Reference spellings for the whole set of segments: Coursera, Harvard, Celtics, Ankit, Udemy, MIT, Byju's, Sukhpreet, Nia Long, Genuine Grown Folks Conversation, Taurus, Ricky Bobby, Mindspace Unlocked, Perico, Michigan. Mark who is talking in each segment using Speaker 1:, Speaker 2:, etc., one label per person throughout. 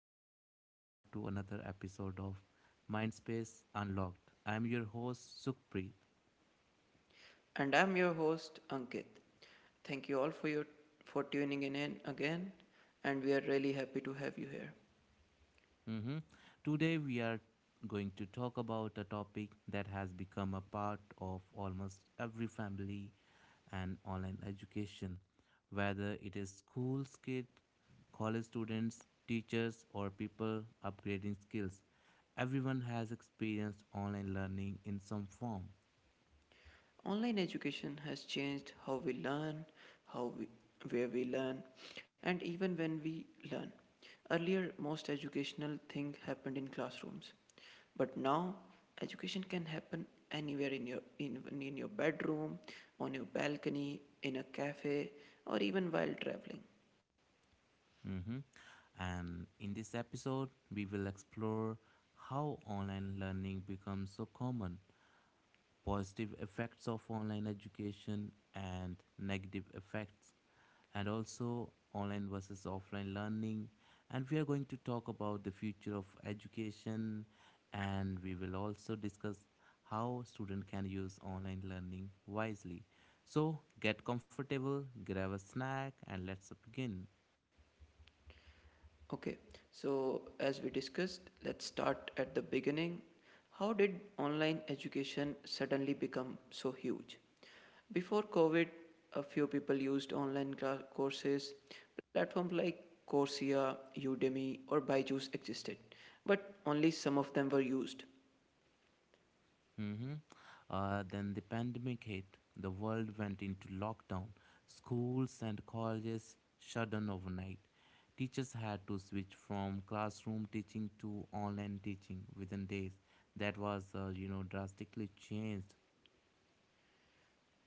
Speaker 1: and welcome back to another episode of Mindspace Unlocked. I'm your host, Sukhpreet.
Speaker 2: And I'm your host, Ankit. Thank you all for your for tuning in again, and we are really happy to have you here.
Speaker 1: hmm Today, we are going to talk about a topic that has become a part of almost every family and online education, whether it is schools, kids, college students, teachers, or people upgrading skills. Everyone has experienced online learning in some form.
Speaker 2: Online education has changed how we learn, how we where we learn, and even when we learn. Earlier, most educational thing happened in classrooms, but now education can happen anywhere in your in, in your bedroom, on your balcony, in a cafe, or even while traveling.
Speaker 1: Mm-hmm. And in this episode, we will explore how online learning becomes so common, positive effects of online education, and negative effects, and also online versus offline learning. And we are going to talk about the future of education, and we will also discuss how students can use online learning wisely. So, get comfortable, grab a snack, and let's begin.
Speaker 2: Okay, so as we discussed, let's start at the beginning. How did online education suddenly become so huge? Before COVID, a few people used courses. Platforms like Coursera, Udemy, or Byju's existed, but only some of them were used.
Speaker 1: Mm-hmm. Then the pandemic hit. The world went into lockdown. Schools and colleges shut down overnight. Teachers had to switch from classroom teaching to online teaching within days. That was, drastically changed.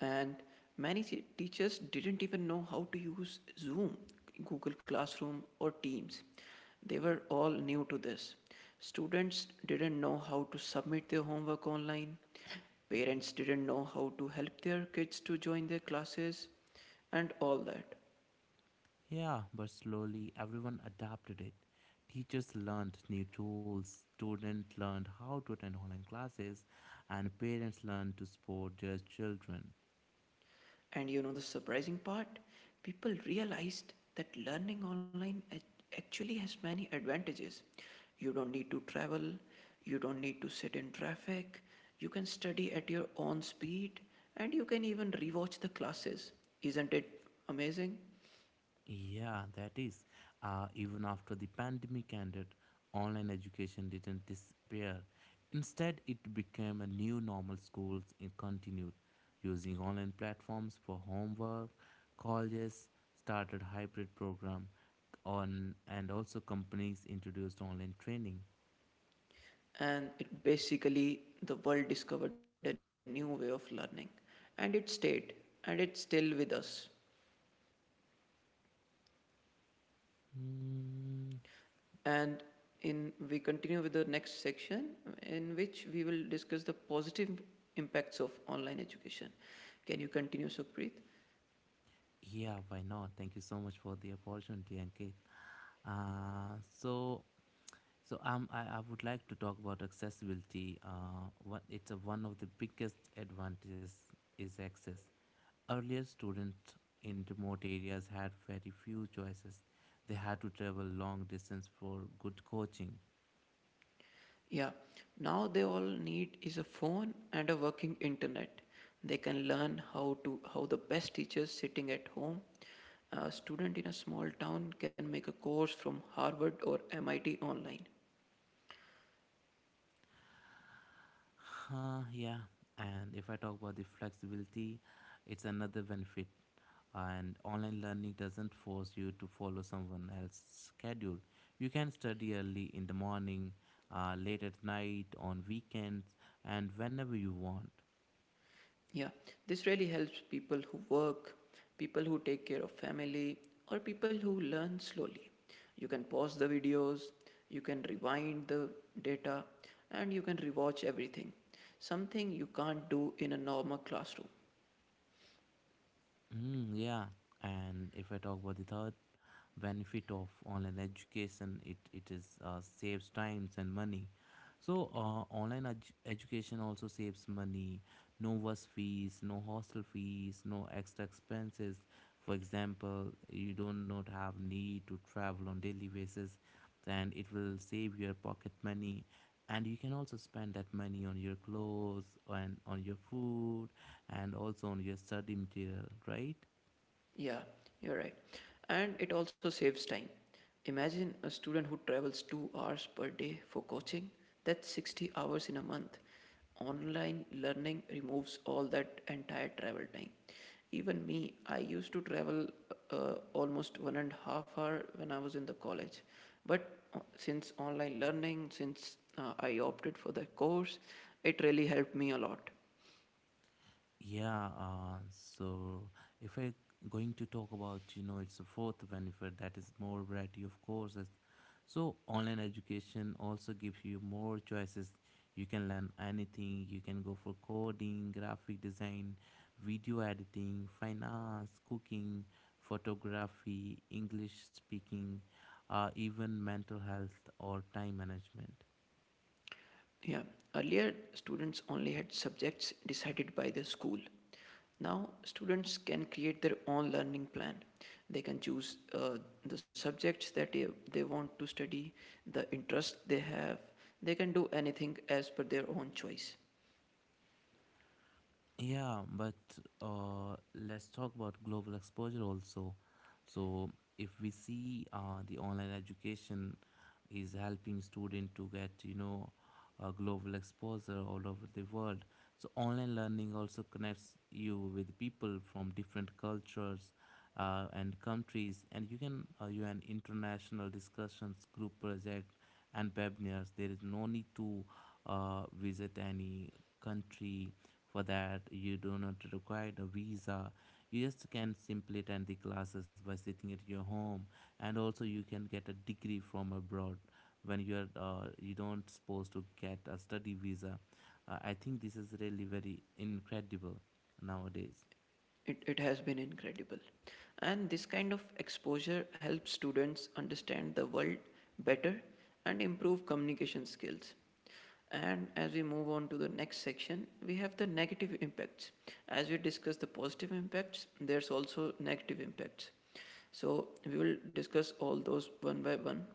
Speaker 2: And many teachers didn't even know how to use Zoom, Google Classroom, or Teams. They were all new to this. Students didn't know how to submit their homework online. Parents didn't know how to help their kids to join their classes, and all that.
Speaker 1: Yeah, but slowly everyone adapted it. Teachers learned new tools, students learned how to attend online classes, and parents learned to support their children.
Speaker 2: And you know the surprising part? People realized that learning online actually has many advantages. You don't need to travel, you don't need to sit in traffic, you can study at your own speed, and you can even rewatch the classes. Isn't it amazing?
Speaker 1: Yeah, that is. Even after the pandemic ended, online education didn't disappear. Instead, it became a new normal. Schools it continued using online platforms for homework. Colleges started hybrid program on, and also companies introduced online training.
Speaker 2: And it basically, the world discovered a new way of learning, and it stayed, and it's still with us.
Speaker 1: Hmm.
Speaker 2: And in we continue with the next section in which we will discuss the positive impacts of online education. Can you continue, Sukhpreet?
Speaker 1: Yeah, why not? Thank you so much for the opportunity, Ankit. Uh, so I would like to talk about accessibility. What it's a, one of the biggest advantages is access. Earlier, students in remote areas had very few choices. They had to travel long distance for good coaching.
Speaker 2: Yeah. Now they all need is a phone and a working internet. They can learn how to how the best teachers sitting at home. A student in a small town can make a course from Harvard or MIT online.
Speaker 1: Yeah, and if I talk about the flexibility, it's another benefit. And online learning doesn't force you to follow someone else's schedule. You can study early in the morning, late at night, on weekends, and whenever you want.
Speaker 2: Yeah, this really helps people who work, people who take care of family, or people who learn slowly. You can pause the videos, you can rewind the data, and you can rewatch everything. Something you can't do in a normal classroom.
Speaker 1: Mm, yeah, and if I talk about the third benefit of online education, it is, saves times and money. So online education also saves money. No bus fees, no hostel fees, no extra expenses. For example, you do not have need to travel on daily basis, and it will save your pocket money, and you can also spend that money on your clothes and on your food and also on your study material, right?
Speaker 2: Yeah, you're right. And it also saves time. Imagine a student who travels 2 hours per day for coaching. That's 60 hours in a month. Online learning removes all that entire travel time. Even me, I used to travel almost 1.5 hours when I was in the college. But since online learning, since I opted for the course, it really helped me a lot.
Speaker 1: Yeah. If I going to talk about, it's a fourth benefit that is more variety of courses. So online education also gives you more choices. You can learn anything. You can go for coding, graphic design, video editing, finance, cooking, photography, English speaking, even mental health or time management.
Speaker 2: Yeah. Earlier, students only had subjects decided by the school. Now, students can create their own learning plan. They can choose the subjects that they want to study, the interest they have. They can do anything as per their own choice.
Speaker 1: Yeah, but let's talk about global exposure also. So, if we see, the online education is helping student to get, a global exposure all over the world. So, online learning also connects you with people from different cultures and countries, and you an international discussions, group project, and webinars. There is no need to visit any country. For that, you do not require a visa. You just can simply attend the classes by sitting at your home, and also you can get a degree from abroad when you are, you don't supposed to get a study visa. I think this is really very incredible nowadays.
Speaker 2: It has been incredible. And this kind of exposure helps students understand the world better and improve communication skills. And as we move on to the next section, we have the negative impacts. As we discuss the positive impacts, there's also negative impacts. So we will discuss all those one by one.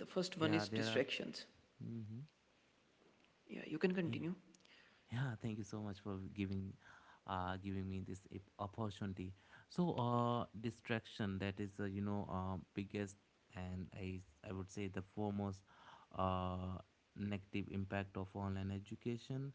Speaker 2: The first one
Speaker 1: Yeah,
Speaker 2: is
Speaker 1: there are.
Speaker 2: distractions.
Speaker 1: hmm
Speaker 2: Yeah, you can
Speaker 1: Yeah.
Speaker 2: continue.
Speaker 1: Yeah, thank you so much for giving me this opportunity. So distraction, that is, biggest, and I would say the foremost uh negative impact of online education.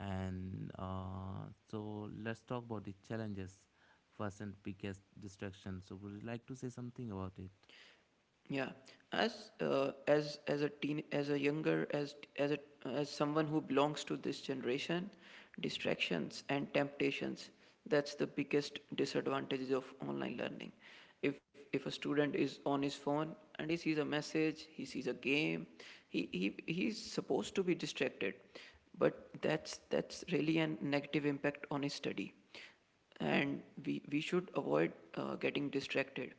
Speaker 1: And so let's talk about the challenges first and biggest distraction. So would you like to say something about it?
Speaker 2: Yeah, as a teen, as a younger, as a as someone who belongs to this generation, distractions and temptations. That's the biggest disadvantages of online learning. If a student is on his phone and he sees a message, he sees a game, he's supposed to be distracted, but that's really a negative impact on his study. And we should avoid getting distracted.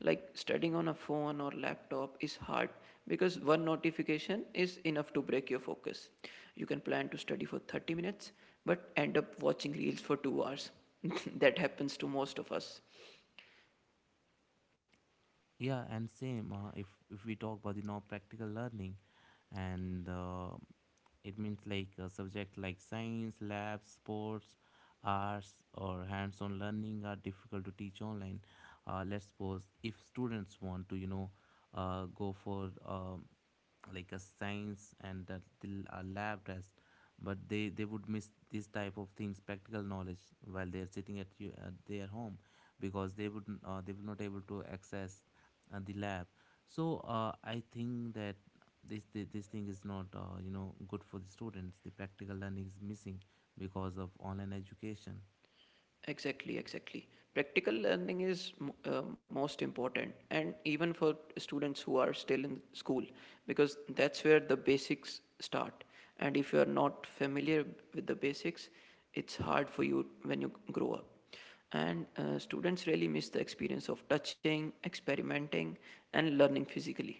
Speaker 2: Like studying on a phone or laptop is hard because one notification is enough to break your focus. You can plan to study for 30 minutes but end up watching reels for 2 hours. That happens to most of us.
Speaker 1: Yeah, and same, if we talk about the non practical learning and, it means like a subject like science labs, sports, arts, or hands-on learning are difficult to teach online. Let's suppose if students want to, go for, like a science and a, till a lab test, but they would miss this type of things practical knowledge while they are sitting at, you, at their home, because they would, they will not able to access the lab. So I think that this thing is not, good for the students. The practical learning is missing because of online education.
Speaker 2: Exactly, exactly. Practical learning is m- most important, and even for students who are still in school, because that's where the basics start. And if you are not familiar with the basics, it's hard for you when you grow up. And students really miss the experience of touching, experimenting, and learning physically.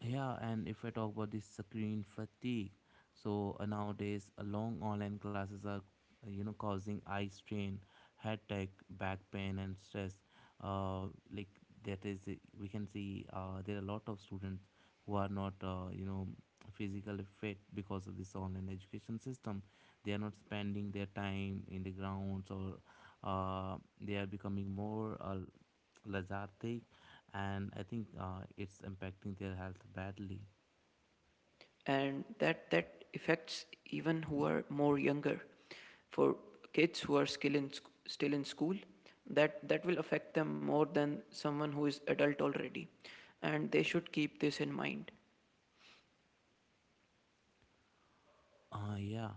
Speaker 1: Yeah, and if I talk about this screen fatigue, so nowadays, long online classes are, causing eye strain, headache, back pain, and stress. Uh, like we can see, there are a lot of students who are not, physically fit because of this online education system. They are not spending their time in the grounds, or they are becoming more, Lazard take, and I think, it's impacting their health badly.
Speaker 2: And that affects even who are more younger. For kids who are still in still in school, that will affect them more than someone who is adult already, and they should keep this in mind.
Speaker 1: Yeah,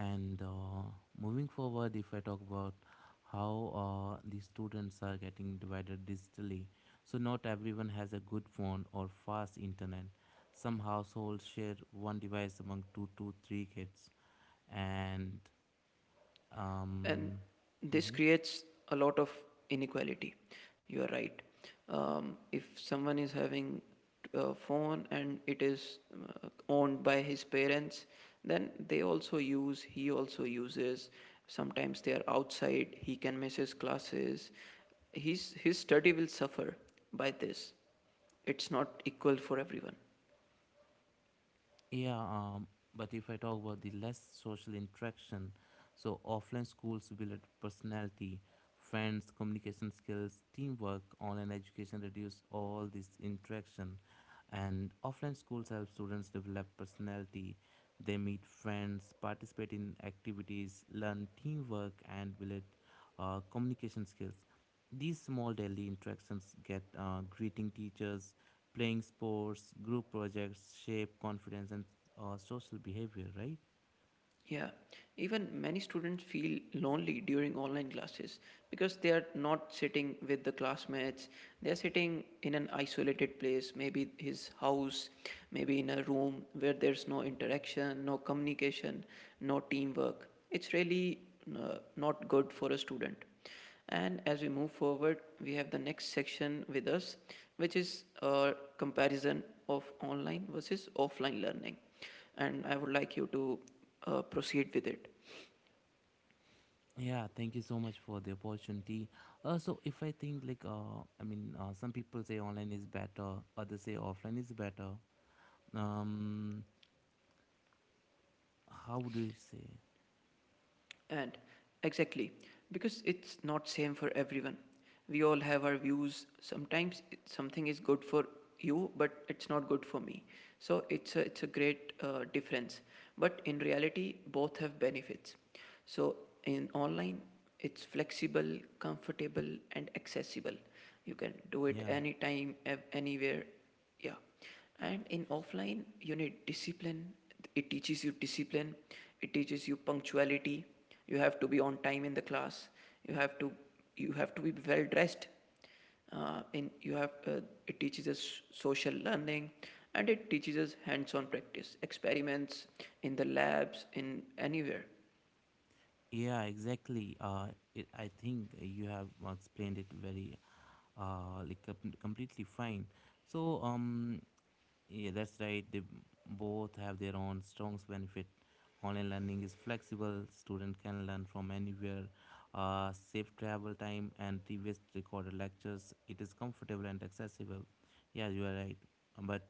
Speaker 1: and moving forward, if I talk about how, the students are getting divided digitally, so not everyone has a good phone or fast internet. Some households share one device among two to three kids, and
Speaker 2: And
Speaker 1: um,
Speaker 2: this
Speaker 1: mm-hmm.
Speaker 2: creates a lot of inequality. You are right. If someone is having a phone and it is owned by his parents, then they also use he also uses, sometimes they are outside, he can miss his classes. His study will suffer by this. It's not equal for everyone.
Speaker 1: Yeah, but if I talk about the less social interaction, so offline schools build personality, friends, communication skills, teamwork. Online education reduce all this interaction, and offline schools help students develop personality. They meet friends, participate in activities, learn teamwork, and build communication skills. These small daily interactions get, greeting teachers, playing sports, group projects shape confidence and, social behavior, right?
Speaker 2: Yeah, even many students feel lonely during online classes because they are not sitting with the classmates. They are sitting in an isolated place, maybe his house, maybe in a room where there's no interaction, no communication, no teamwork. It's really not good for a student. And as we move forward, we have the next section with us, which is a comparison of online versus offline learning. And I would like you to proceed with it.
Speaker 1: Yeah, thank you so much for the opportunity. So if I think like I mean, some people say online is better, others say offline is better. Um, how do you say?
Speaker 2: And exactly, because it's not same for everyone. We all have our views. Sometimes something is good for you, but it's not good for me. So it's a great difference. But in reality, both have benefits. So in online, it's flexible, comfortable, and accessible. You can do it
Speaker 1: Yeah,
Speaker 2: anytime, anywhere. Yeah. And in offline, you need discipline. It teaches you discipline, it teaches you punctuality. You have to be on time in the class. You have to be well dressed. In you have It teaches us social learning, and it teaches us hands-on practice, experiments in the labs, in anywhere.
Speaker 1: yeah, exactly. It, I think you have explained it very, completely fine. So yeah, that's right. They both have their own strong benefit. Online learning is flexible. Student can learn from anywhere. Save travel time and previous recorded lectures. It is comfortable and accessible. Yeah, you are right. But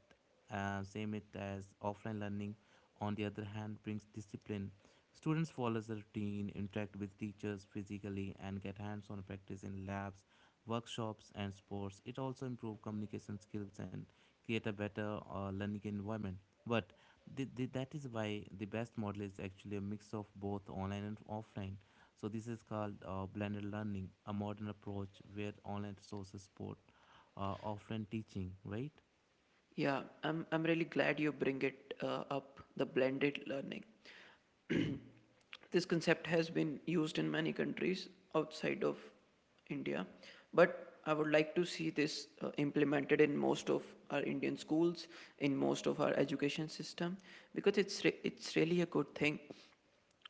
Speaker 1: same it as offline learning, on the other hand, brings discipline. Students follow a routine, interact with teachers physically, and get hands-on practice in labs, workshops, and sports. It also improve communication skills and create a better, learning environment. But that is why the best model is actually a mix of both online and offline. So this is called, blended learning, a modern approach where online resources support offline teaching, right?
Speaker 2: Yeah, I'm really glad you bring it up, the blended learning. This concept has been used in many countries outside of India, but I would like to see this implemented in most of our Indian schools, in most of our education system, because it's really a good thing.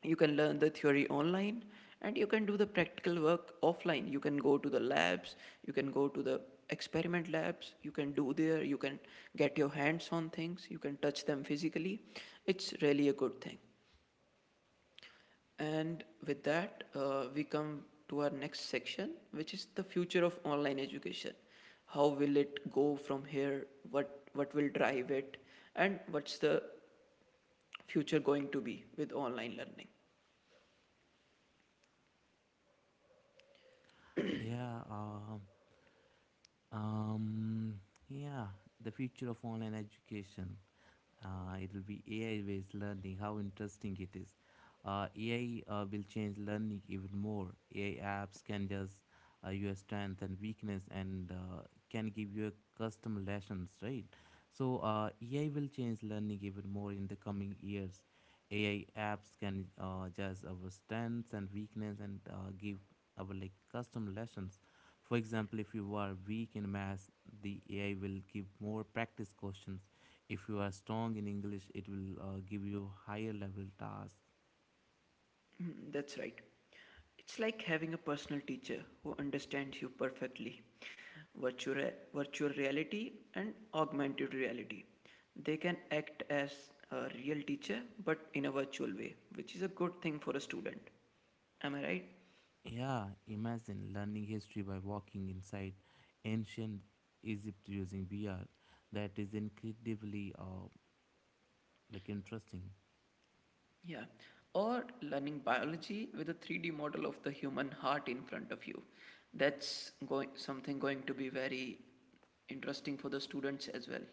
Speaker 2: You can learn the theory online, and you can do the practical work offline. You can go to the labs, you can go to the experiment labs, you can do there, you can get your hands on things, you can touch them physically. It's really a good thing. And with that, we come to our next section, which is the future of online education. How will it go from here? What will drive it? And what's the future going to be with online learning?
Speaker 1: Yeah uh, Um, yeah, The future of online education, it will be AI based learning. How interesting it is! AI, will change learning even more. AI apps can just, your strength and weakness and, can give your custom lessons, right? So AI will change learning even more in the coming years. AI apps can, judge our strengths and weakness and, give our like custom lessons. For example, if you are weak in math, the AI will give more practice questions. If you are strong in English, it will, give you higher level tasks.
Speaker 2: Mm, that's right. It's like having a personal teacher who understands you perfectly. Virtual reality and augmented reality. They can act as a real teacher but in a virtual way, which is a good thing for a student. Am I right?
Speaker 1: Yeah, imagine learning history by walking inside ancient Egypt using VR. That is incredibly, interesting.
Speaker 2: Yeah. Or learning biology with a 3D model of the human heart in front of you. That's going Something going to be very interesting for the students as well.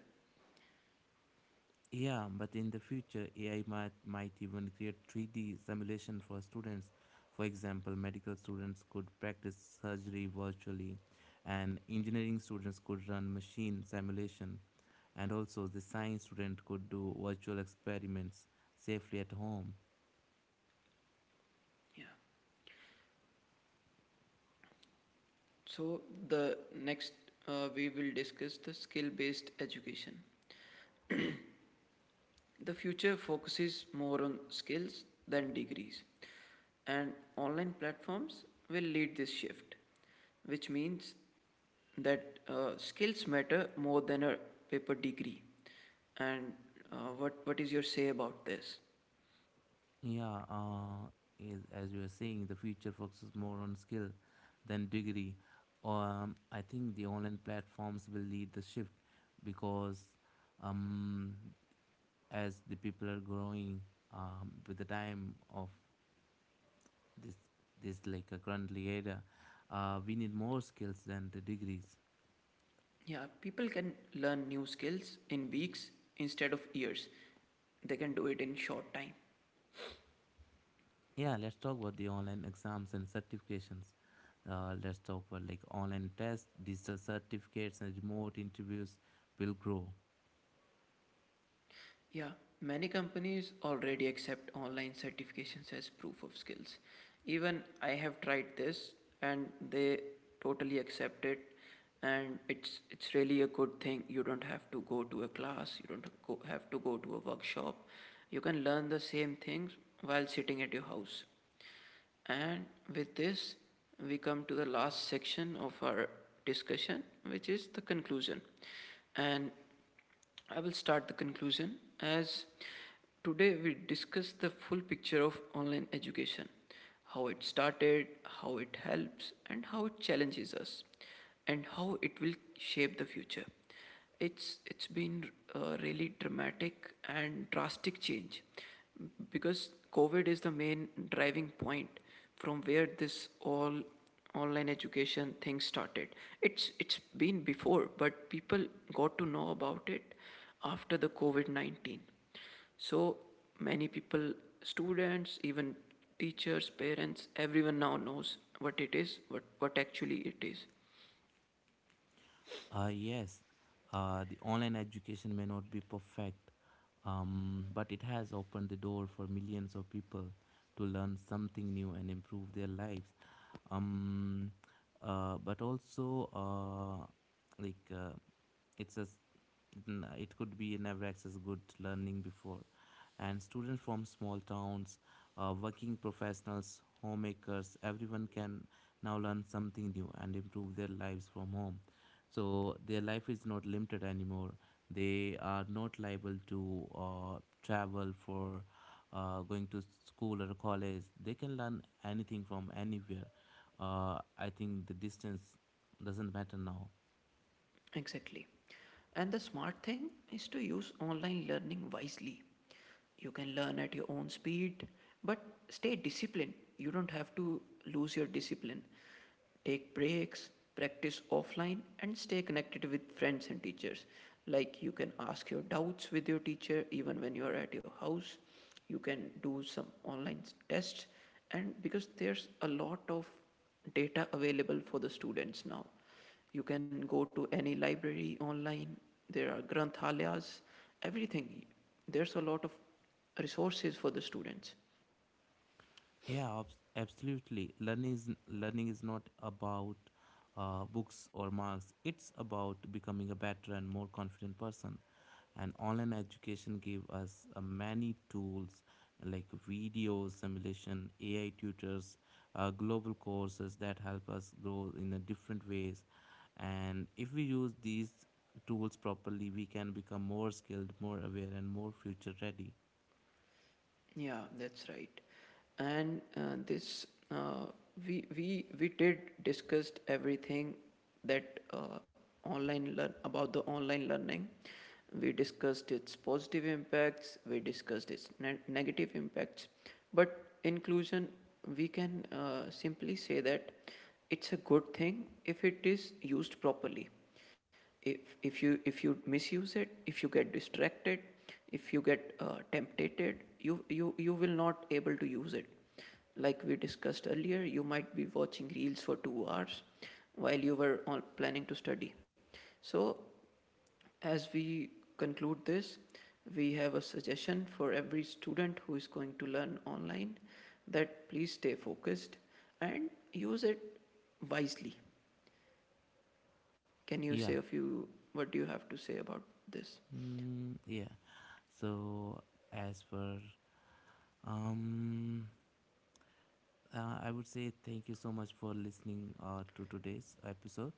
Speaker 1: Yeah, but in the future AI might even create 3D simulation for students. For example, medical students could practice surgery virtually, and engineering students could run machine simulation. And also, the science student could do virtual experiments safely at home.
Speaker 2: Yeah. So, the next we will discuss the skill based education. The future focuses more on skills than degrees, and online platforms will lead this shift, which means that skills matter more than a paper degree. And what is your say about this?
Speaker 1: Yeah, as you are saying, the future focuses more on skill than degree. I think the online platforms will lead the shift because, um, as the people are growing, with the time of this this like a currently era, we need more skills than the degrees.
Speaker 2: Yeah, people can learn new skills in weeks instead of years, they can do it in short time.
Speaker 1: Yeah, let's talk about the online exams and certifications. Let's talk about like online tests, digital certificates, and remote interviews will grow.
Speaker 2: Yeah, many companies already accept online certifications as proof of skills. Even I have tried this and they totally accept it, and it's really a good thing. You don't have to go to a class, you don't go, have to go to a workshop. You can learn the same things while sitting at your house. And with this, we come to the last section of our discussion, which is the conclusion. And I will start the conclusion as, today we discuss the full picture of online education, how it started, how it helps, and how it challenges us, and how it will shape the future. It's been a really dramatic and drastic change because COVID is the main driving point from where this all online education thing started. It's been before, but people got to know about it after the COVID 19. So many people, students, even teachers, parents, everyone now knows what it is, what actually it is.
Speaker 1: Yes, the online education may not be perfect, but it has opened the door for millions of people to learn something new and improve their lives. Um, but also, like it's a s- It could be never access good learning before, and students from small towns, working professionals, homemakers, everyone can now learn something new and improve their lives from home. So their life is not limited anymore. They are not liable to, travel for going to school or college. They can learn anything from anywhere. I think the distance doesn't matter now.
Speaker 2: Exactly. And the smart thing is to use online learning wisely. You can learn at your own speed, but stay disciplined. You don't have to lose your discipline. Take breaks, practice offline, and stay connected with friends and teachers. Like you can ask your doubts with your teacher even when you are at your house. You can do some tests, and because there's a lot of data available for the students now, you can go to any library online. There are granthalayas, everything. There's a lot of resources for the students.
Speaker 1: Yeah, absolutely. Learning is not about, books or marks. It's about becoming a better and more confident person. And online education gave us, many tools like videos, simulation, AI tutors, global courses that help us grow in a different ways. And if we use these tools properly, we can become more skilled, more aware, and more future ready.
Speaker 2: Yeah, that's right. And this uh, we did discussed everything that online learn about the online learning. We discussed its positive impacts. We discussed its negative impacts. But inclusion, we can simply say that it's a good thing if it is used properly. If you misuse it, if you get distracted, if you get tempted, you will not able to use it. Like we discussed earlier, you might be watching reels for 2 hours while you were on planning to study. So as we conclude this, we have a suggestion for every student who is going to learn online, that please stay focused and use it wisely. Can you
Speaker 1: Yeah.
Speaker 2: say a few, what do you have to say about this?
Speaker 1: Mm, yeah. So, as per, um, I would say thank you so much for listening, to today's episode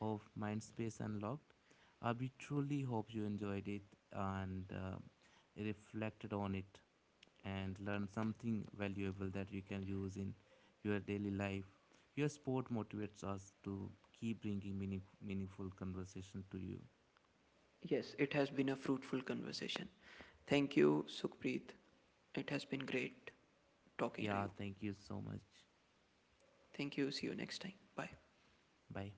Speaker 1: of Mindspace Unlocked. We truly hope you enjoyed it and, reflected on it and learned something valuable that you can use in your daily life. Your support motivates us to keep bringing meaningful conversation to you.
Speaker 2: Yes, it has been a fruitful conversation. Thank you, Sukhpreet. It has been great talking to
Speaker 1: Yeah,
Speaker 2: you.
Speaker 1: thank you so much.
Speaker 2: Thank you. See you next time. Bye.
Speaker 1: Bye.